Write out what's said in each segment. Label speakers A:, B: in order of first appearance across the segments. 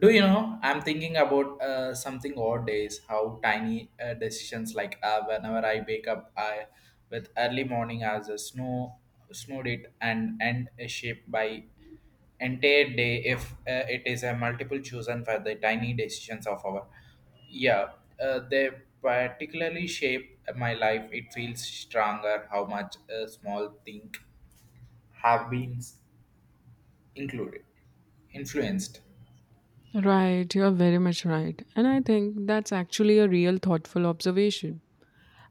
A: Do you know? I'm thinking about something odd days. How tiny decisions like whenever I wake up, I with early morning as a snow snowed it and end a shape by entire day if it is a multiple chosen for the tiny decisions of our yeah they particularly shape my life. It feels stronger how much a small thing have been included influenced.
B: Right, you are very much right. And I think that's actually a real thoughtful observation.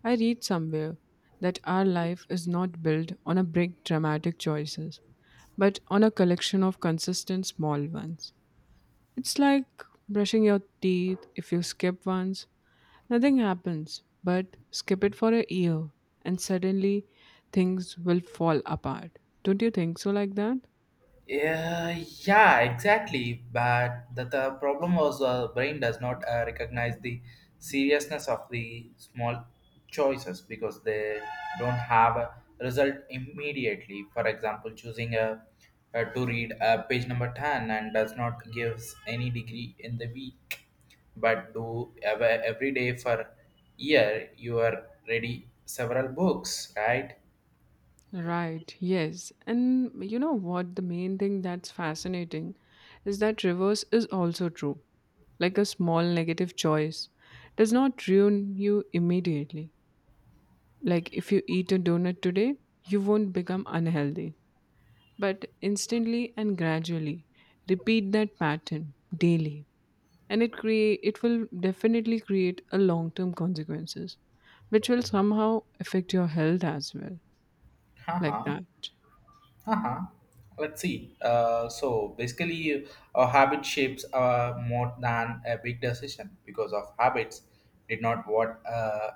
B: I read somewhere that our life is not built on a big dramatic choices, but on a collection of consistent small ones. It's like brushing your teeth. If you skip once, nothing happens, but skip it for a year and suddenly things will fall apart. Don't you think so like that?
A: Yeah, yeah, exactly. But the problem was the brain does not recognize the seriousness of the small choices because they don't have a result immediately. For example, choosing a, to read page number 10 and does not gives any degree in the week, but do ever, every day for year you are ready several books, right?
B: Right, yes. And you know what? The main thing that's fascinating is that reverse is also true. Like a small negative choice does not ruin you immediately. Like if you eat a donut today, you won't become unhealthy. But instantly and gradually, repeat that pattern daily. And it will definitely create a long term consequences, which will somehow affect your health as well. Like
A: Haha.
B: that.
A: Uh-huh. Let's see. So basically, a habit shapes more than a big decision because of habits did not what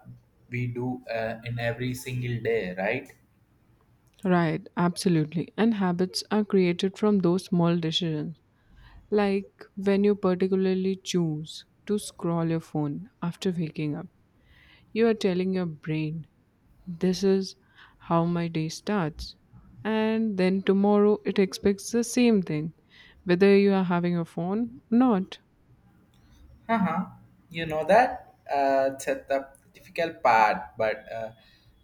A: we do in every single day, right?
B: Right, absolutely. And habits are created from those small decisions. Like when you particularly choose to scroll your phone after waking up, you are telling your brain, this is how my day starts. And then tomorrow it expects the same thing, whether you are having a phone or not.
A: Uh-huh. You know that it's a the difficult part, but uh,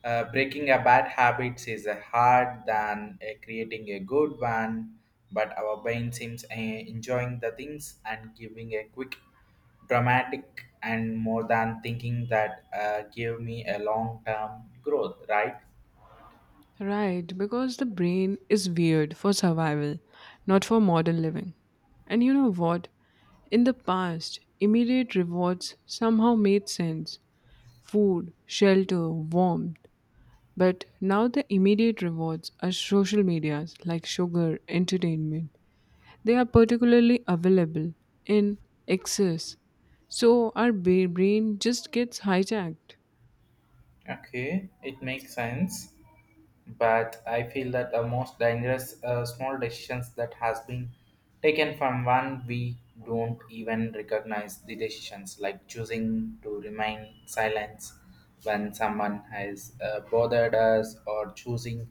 A: uh, breaking a bad habits is a hard than creating a good one. But our brain seems enjoying the things and giving a quick, dramatic, and more than thinking that give me a long term growth. Right?
B: Right, because the brain is weird for survival, not for modern living. And you know what? In the past, immediate rewards somehow made sense food, shelter, warmth. But now the immediate rewards are social medias like sugar, entertainment. They are particularly available in excess. So our brain just gets hijacked.
A: Okay, it makes sense. But I feel that the most dangerous small decisions that has been taken from one we don't even recognize the decisions, like choosing to remain silent when someone has bothered us, or choosing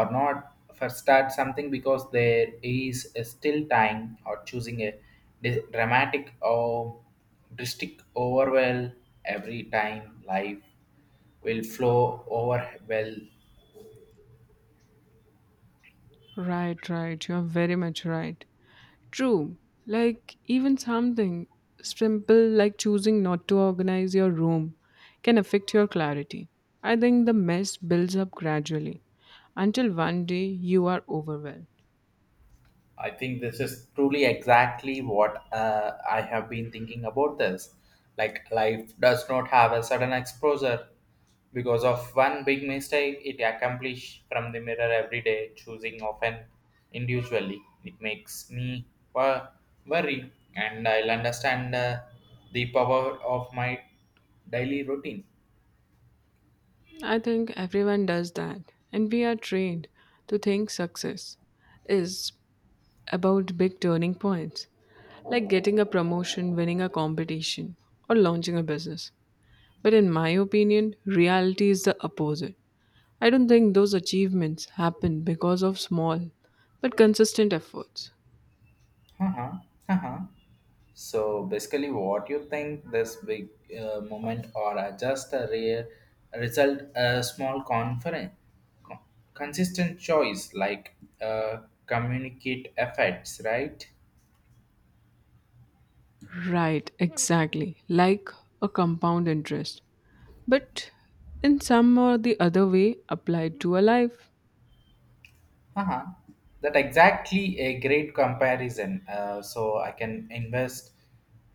A: or not for start something because there is still time, or choosing a dramatic or drastic overwhelm every time life will flow over well.
B: Right. You're very much right. True. Like, even something simple like choosing not to organize your room can affect your clarity. I think the mess builds up gradually until one day you are overwhelmed.
A: I think this is truly exactly what I have been thinking about this. Like, life does not have a sudden exposure. Because of one big mistake, it accomplished from the mirror every day, choosing often individually. It makes me wor- worry, and I'll understand the power of my daily routine.
B: I think everyone does that, and we are trained to think success is about big turning points, like getting a promotion, winning a competition, or launching a business. But in my opinion, reality is the opposite. I don't think those achievements happen because of small but consistent efforts.
A: Haha, haha. So basically, what you think this big moment or just a rare result, a small confident con- consistent choice like uh, communicate effects, right?
B: Right, exactly. Like a compound interest. But in some or the other way applied to a life.
A: Uh-huh. That exactly a great comparison. So I can invest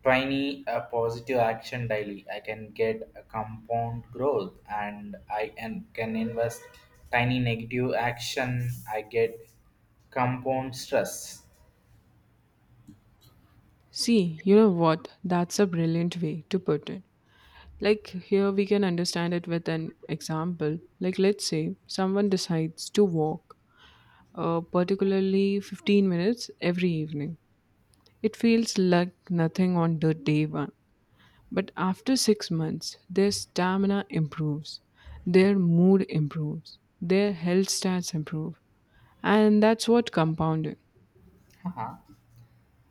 A: tiny positive action daily. I can get a compound growth, and I can invest tiny negative action. I get compound stress.
B: See, you know what? That's a brilliant way to put it. Like here we can understand it with an example. Like let's say someone decides to walk particularly 15 minutes every evening. It feels like nothing on the day one. But after six months, their stamina improves, their mood improves, their health stats improve. And that's what compounding.
A: Uh-huh.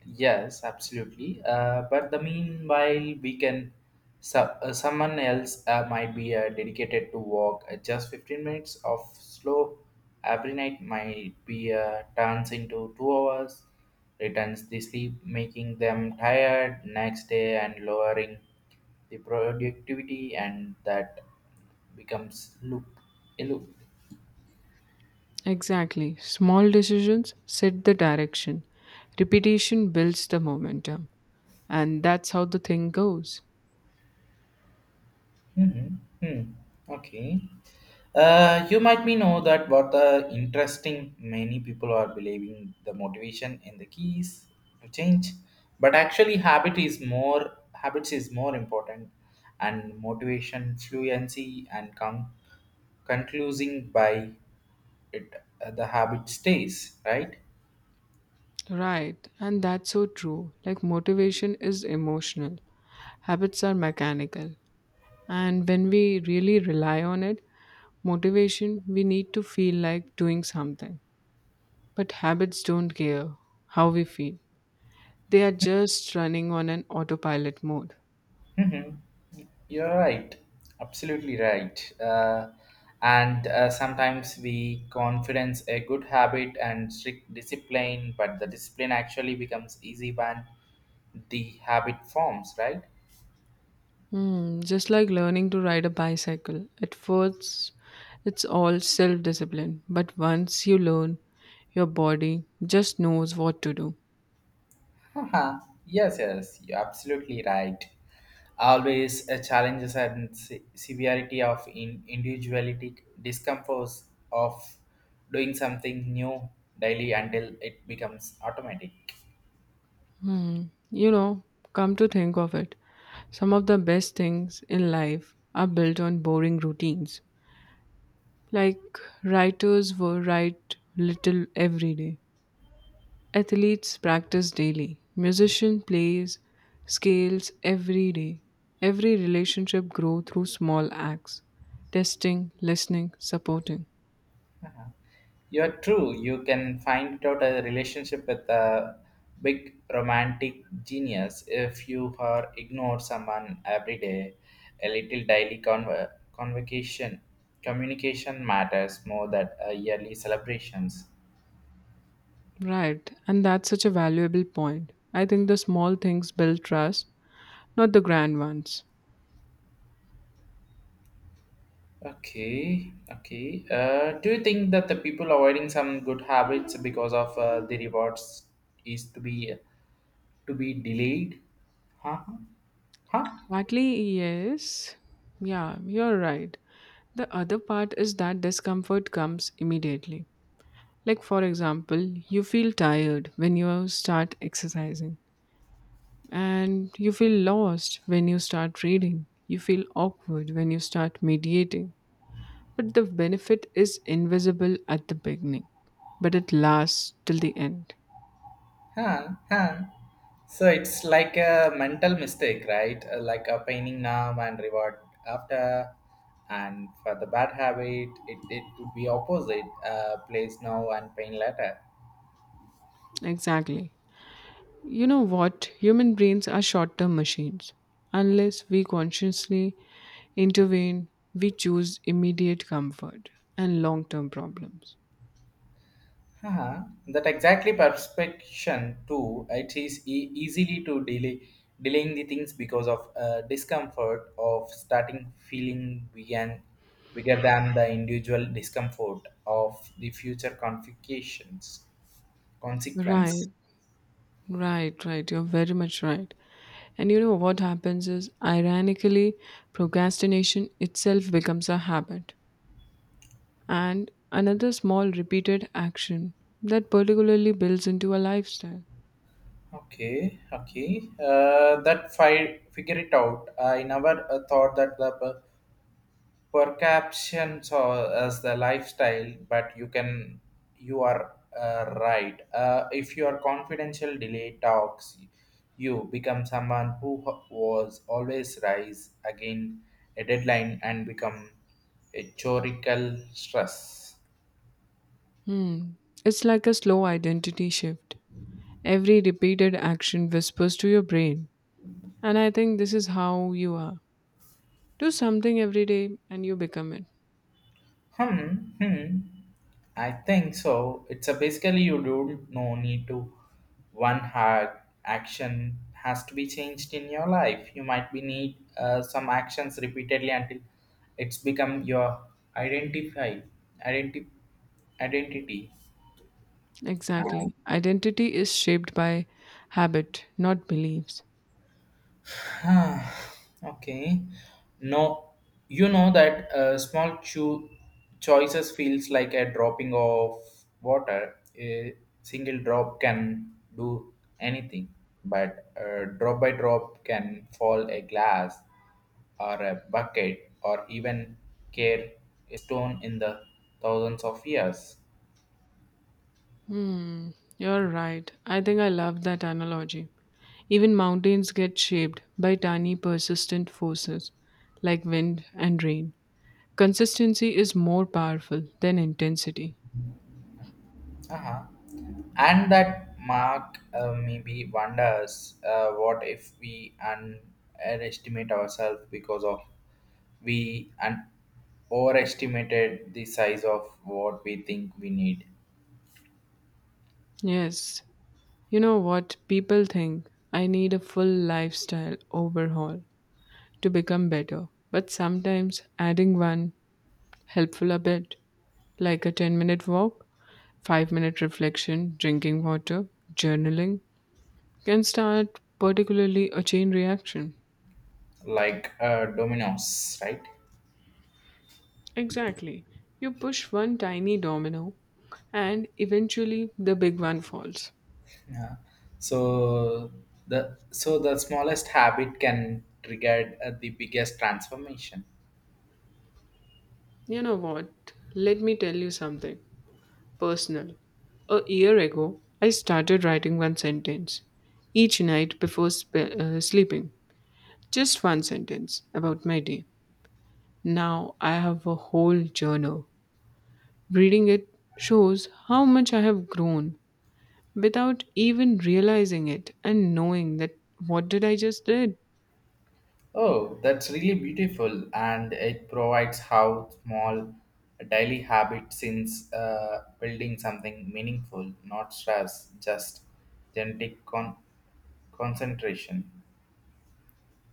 A: Yes, absolutely. But the meanwhile, we can someone else might be dedicated to walk just 15 minutes of slow every night might be turns into 2 hours, returns the sleep, making them tired next day and lowering the productivity, and that becomes loop a loop.
B: Exactly. Small decisions set the direction, repetition builds the momentum. And that's how the thing goes.
A: Mhm. Hmm. Okay. You might me know that what the interesting many people are believing the motivation and the keys to change, but actually habit is more habits is more important, and motivation, fluency, and conclusing by it the habit stays right.
B: Right, and that's so true. Like, motivation is emotional, habits are mechanical. And when we really rely on it, motivation, we need to feel like doing something. But habits don't care how we feel, they are just running on an autopilot mode.
A: Mhm. You're right, absolutely right. And sometimes we confidence a good habit and strict discipline, but the discipline actually becomes easy when the habit forms, right?
B: Hmm, just like learning to ride a bicycle. At first, it's all self discipline, but once you learn, your body just knows what to do.
A: Haha, yes, yes, you're absolutely right. Always challenges and severity of individuality, discomforts of doing something new daily until it becomes automatic.
B: Hmm, you know, come to think of it, some of the best things in life are built on boring routines. Like writers were write little every day. Athletes practice daily. Musician plays scales every day. Every relationship grow through small acts. Testing, listening, supporting.
A: You're true. You can find out a relationship with a big romantic genius if you are ignore someone every day. A little daily convocation communication matters more than yearly celebrations.
B: Right. And that's such a valuable point. I think the small things build trust, not the grand ones.
A: Okay, okay. Do you think that the people avoiding some good habits because of the rewards is to be delayed? Huh? Huh? Huh?
B: Partly, yes. Yeah, you're right. The other part is that discomfort comes immediately. Like, for example, you feel tired when you start exercising, and you feel lost when you start reading. You feel awkward when you start mediating. But the benefit is invisible at the beginning, but it lasts till the end.
A: Huh, huh. So it's like a mental mistake, right? Like a painting now and reward after. And for the bad habit, it would be opposite place now and pain later.
B: Exactly. You know what? Human brains are short term machines. Unless we consciously intervene, we choose immediate comfort and long term problems.
A: Haha, that exactly perception too. It is easily to delay delaying the things because of discomfort of starting feeling bigger, bigger than the individual discomfort of the future complications
B: Right.
A: consequence.
B: Right. You're very much right. And you know what happens is, ironically, procrastination itself becomes a habit and another small repeated action that particularly builds into a lifestyle.
A: Okay, okay. That figure it out. I never thought that the perceptions or as the lifestyle, but you can you are right if your confidential delay talks you become someone who was always rise again a deadline and become a chorical stress.
B: Hmm. It's like a slow identity shift. Every repeated action whispers to your brain. And I think this is how you are. Do something every day and you become it.
A: Hmm, hmm. I think so. It's a basically you don't no need to one hard action has to be changed in your life. You might be need some actions repeatedly until it's become your identify identity identity.
B: Exactly. Identity is shaped by habit, not beliefs.
A: Ah, okay. No, you know that small choices feels like a dropping of water. A single drop can do anything, but drop by drop can fall a glass or a bucket or even care a stone in the thousands of years.
B: Hmm, you're right. I think I love that analogy. Even mountains get shaped by tiny persistent forces like wind and rain. Consistency is more powerful than intensity.
A: Uh-huh. And that mark maybe wonders what if we underestimate ourselves because of we and overestimated the size of what we think we need,
B: Yes, you know what? People think I need a full lifestyle overhaul to become better, but sometimes adding one helpful a bit, like a 10-minute walk, 5-minute reflection, drinking water, journaling, can start particularly a chain reaction.
A: like dominoes, right?
B: Exactly. You push one tiny domino and eventually the big one falls.
A: Yeah. So so the smallest habit can trigger the biggest transformation.
B: You know what? Let me tell you something personal. A year ago, I started writing one sentence each night before sleeping. Just one sentence about my day. Now I have a whole journal. Reading it shows how much I have grown without even realizing it and knowing that what did I just did?
A: Oh, that's really beautiful, and it provides how small daily habit since building something meaningful, not stress, just genetic concentration,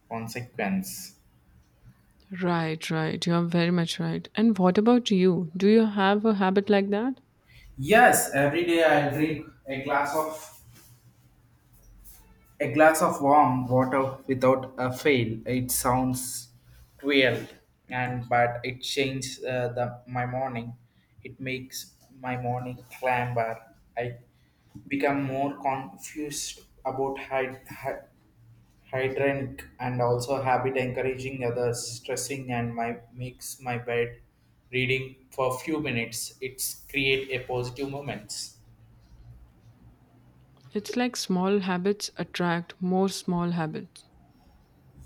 A: consequence.
B: Right. You are very much right. And what about you? Do you have a habit like that?
A: Yes, every day I drink a glass of a glass of warm water without a fail. It sounds cruel, and but it changes the my morning. It makes my morning clamber. I become more confused about hydrant and also habit encouraging others, stressing, and my makes my bed reading for few minutes. It's create a positive moments.
B: It's like small habits attract more small habits.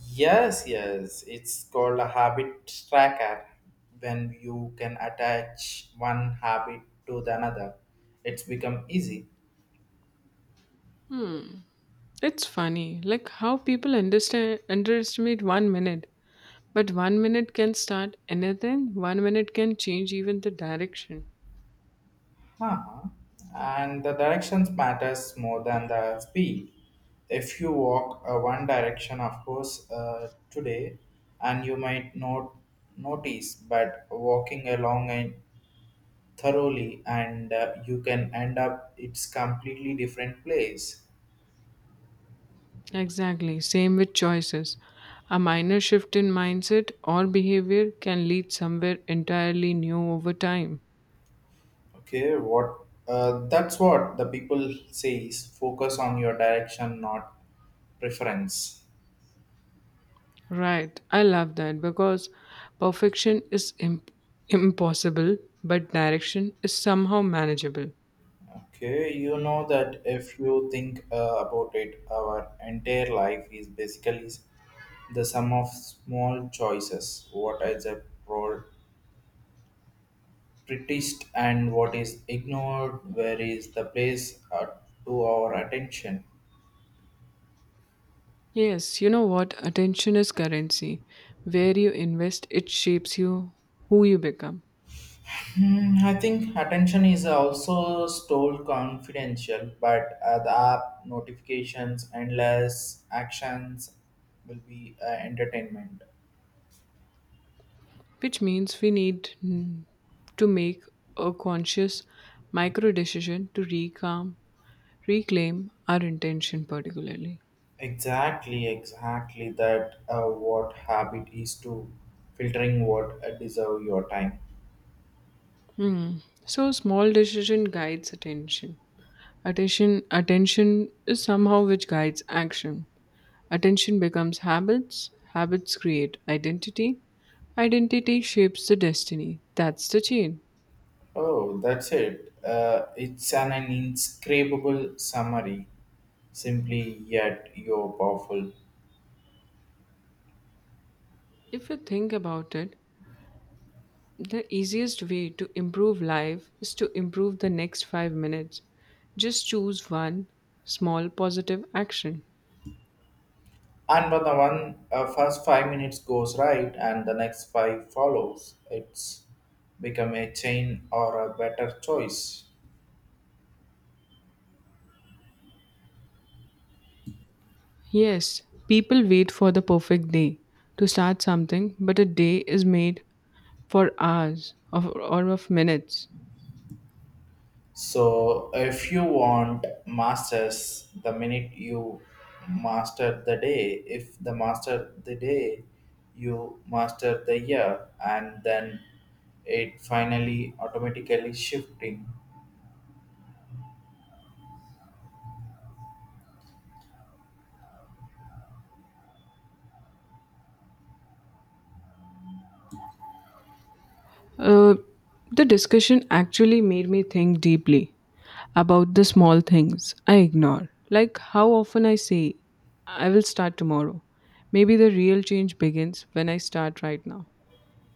A: Yes, yes. It's called a habit tracker when you can attach one habit to the another. It's become easy.
B: It's funny, like how people understand underestimate one minute, but one minute can start anything. One minute can change even the direction.
A: Uh-huh. And the directions matters more than the speed. If you walk one direction, of course, today, and you might not notice, but walking along and thoroughly, and you can end up it's completely different place.
B: Exactly. Same with choices. A minor shift in mindset or behavior can lead somewhere entirely new over time.
A: Okay, what that's what the people say is focus on your direction, not preference.
B: Right. I love that because perfection is impossible, but direction is somehow manageable.
A: Okay, you know that if you think about it, our entire life is basically the sum of small choices. What is a prioritized and what is ignored, where is the place to our attention.
B: Yes, you know what? Attention is currency. Where you invest, it shapes you who you become,
A: Hmm, I think attention is also stole confidential, but the app notifications, endless actions will be entertainment.
B: which means we need to make a conscious micro decision to recalm reclaim our intention particularly.
A: Exactly, exactly that what habit is to filtering what deserve your time.
B: Hmm. So small decision guides attention. Attention is somehow which guides action. Attention becomes habits. Habits create identity. Identity shapes the destiny. That's the chain.
A: Oh, that's it. It's an inscrutable summary, simply yet you're powerful.
B: If you think about it, the easiest way to improve life is to improve the next 5 minutes. Just choose one small positive action.
A: And when the one first 5 minutes goes right and the next five follows, it's become a chain or a better choice.
B: Yes, people wait for the perfect day to start something, but a day is made for hours of, or of minutes.
A: So if you want masters, the minute you master the day, if the master the day, you master the year, and then it finally automatically shifting.
B: Uh, the discussion actually made me think deeply about the small things I ignore. Like how often I say, I will start tomorrow. Maybe the real change begins when I start right now,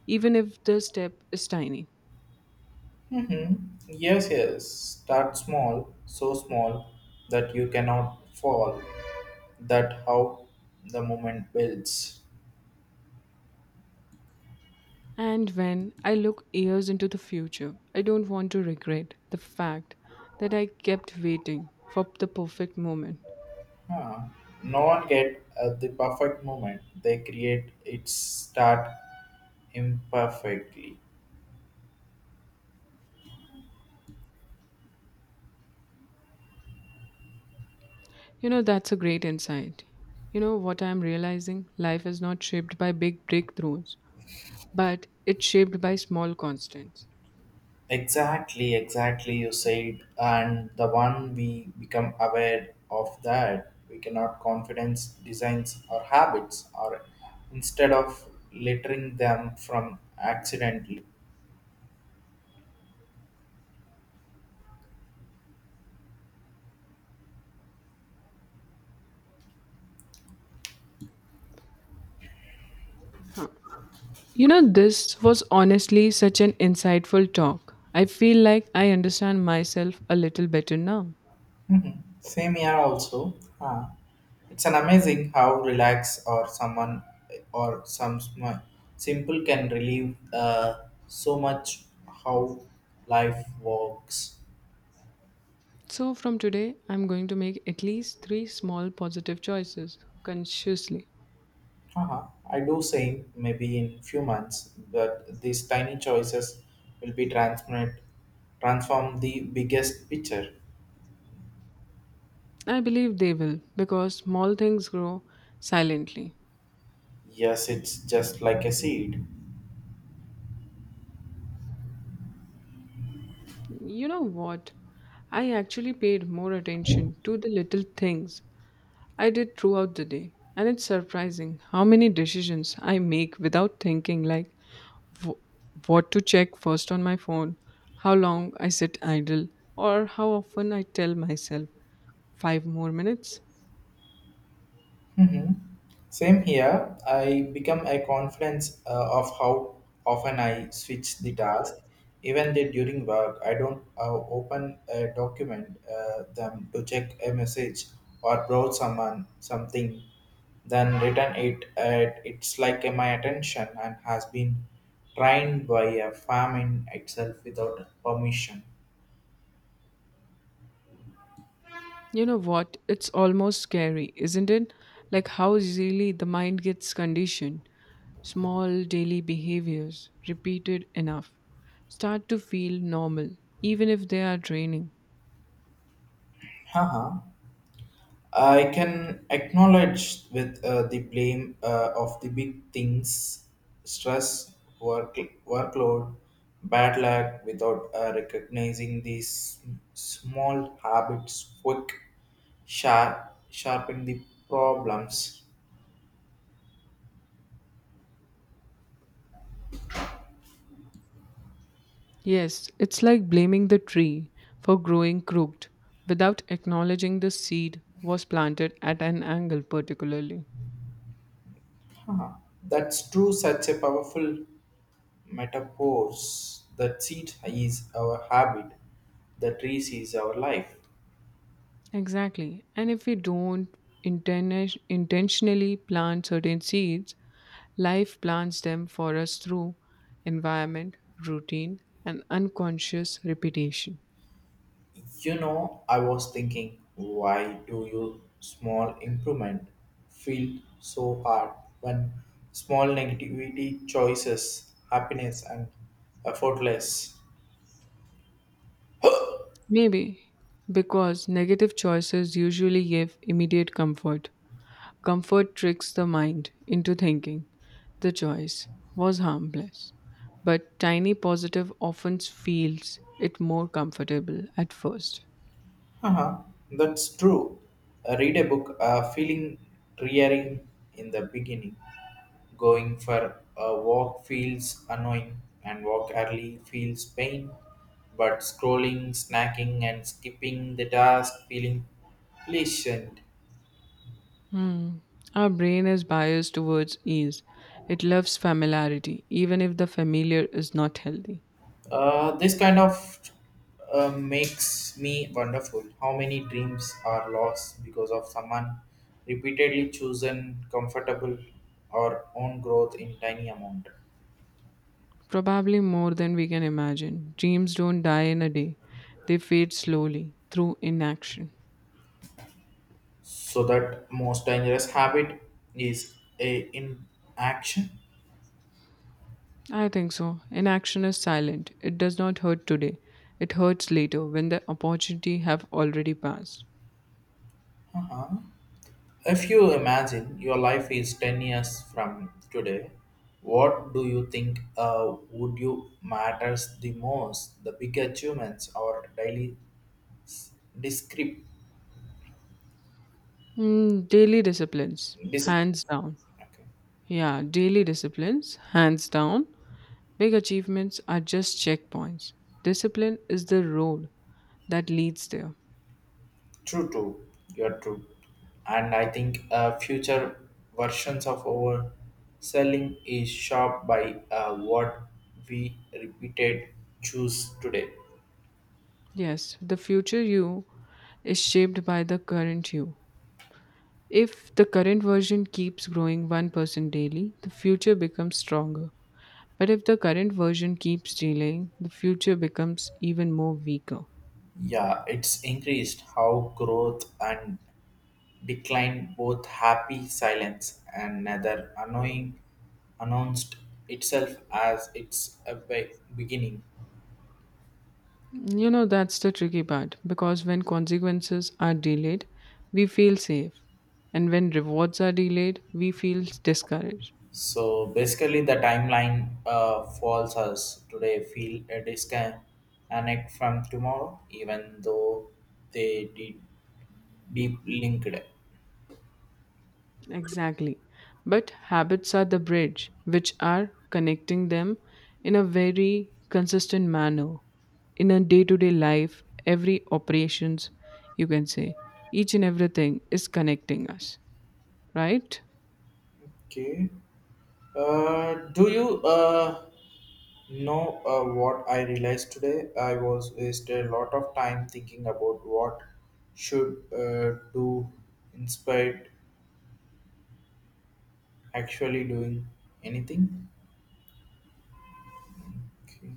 B: even if the step is tiny.
A: Mm-hmm. Yes, yes. Start small, so small that you cannot fall. That how the moment builds.
B: And when I look years into the future, I don't want to regret the fact that I kept waiting for the perfect moment.
A: Huh. No one get the perfect moment. They create it start imperfectly.
B: You know, that's a great insight. You know what I'm realizing? Life is not shaped by big breakthroughs, but it's shaped by small constants.
A: Exactly, exactly. You said, and the one we become aware of that we cannot confidence designs or habits, or instead of littering them from accidentally.
B: Huh. You know, this was honestly such an insightful talk. I feel like I understand myself a little better now.
A: Mhm. Same here also. Huh. It's an amazing how relax or someone or some simple can relieve so much how life works.
B: So, from today, I'm going to make at least three small positive choices consciously.
A: Haha. I do say maybe in few months, but these tiny choices will be transparent transform the biggest picture.
B: I believe they will because small things grow silently.
A: Yes, it's just like a seed.
B: You know what? I actually paid more attention to the little things I did throughout the day. And it's surprising how many decisions I make without thinking, like w- what to check first on my phone, how long I sit idle, or how often I tell myself five more minutes.
A: Hmm. Same here. I become a confluence of how often I switch the task. Even during work, I don't open a document them to check a message or browse someone something, then return it. It's like my attention and has been trained by a famine itself without permission.
B: You know what? It's almost scary, isn't it? Like how easily the mind gets conditioned. Small daily behaviors, repeated enough, start to feel normal, even if they are draining.
A: Haha. I can acknowledge with the blame of the big things, stress, work, workload, bad luck, without recognizing these small habits quick, sharp, sharpen the problems.
B: Yes, it's like blaming the tree for growing crooked without acknowledging the seed was planted at an angle, particularly.
A: Huh. That's true, such a powerful metaphor. The seed is our habit, the trees is our life.
B: Exactly. And if we don't intentionally plant certain seeds, life plants them for us through environment, routine, and unconscious repetition.
A: You know, I was thinking, why do you small improvement feel so hard when small negativity choices happiness and effortless?
B: Maybe because negative choices usually give immediate comfort. Comfort tricks the mind into thinking the choice was harmless, but tiny positive often feels it more comfortable at first.
A: Uh huh, that's true. Read a book, feeling tiring in the beginning. Going for a walk feels annoying, and walk early feels pain. But scrolling, snacking, and skipping the task feeling patient.
B: Hmm. Our brain is biased towards ease. It loves familiarity, even if the familiar is not healthy.
A: This kind of makes me wonderful. How many dreams are lost because of someone repeatedly chosen comfortable or own growth in tiny amount.
B: Probably more than we can imagine. Dreams don't die in a day, they fade slowly through inaction.
A: So that most dangerous habit is a inaction.
B: I think so. Inaction is silent. It does not hurt today. It hurts later when the opportunity have already passed.
A: Uh-huh. If you imagine your life is 10 years from today, what do you think would you matters the most, the big achievements or daily discrep.
B: Mm, daily disciplines,
A: Discipline.
B: hands down.
A: Okay.
B: Yeah, daily disciplines, hands down. Big achievements are just checkpoints. Discipline is the road that leads there.
A: True, true. You're true. And I think future versions of our selling is shaped by what we repeated choose today.
B: Yes, the future you is shaped by the current you. If the current version keeps growing 1% daily, the future becomes stronger. But if the current version keeps delaying, the future becomes even more weaker.
A: Yeah, it's increased how growth and decline both happy silence and another annoying announced itself as its a beginning.
B: You know, that's the tricky part because when consequences are delayed, we feel safe. And when rewards are delayed, we feel discouraged.
A: So basically, the timeline falls us today feel a disconnect from tomorrow, even though they did deep linked.
B: Exactly. But habits are the bridge which are connecting them in a very consistent manner in a day to day life, every operations, you can say, each and everything is connecting us, right?
A: Okay. Do you know what I realized today? I was wasted a lot of time thinking about what should do instead actually doing anything. Okay.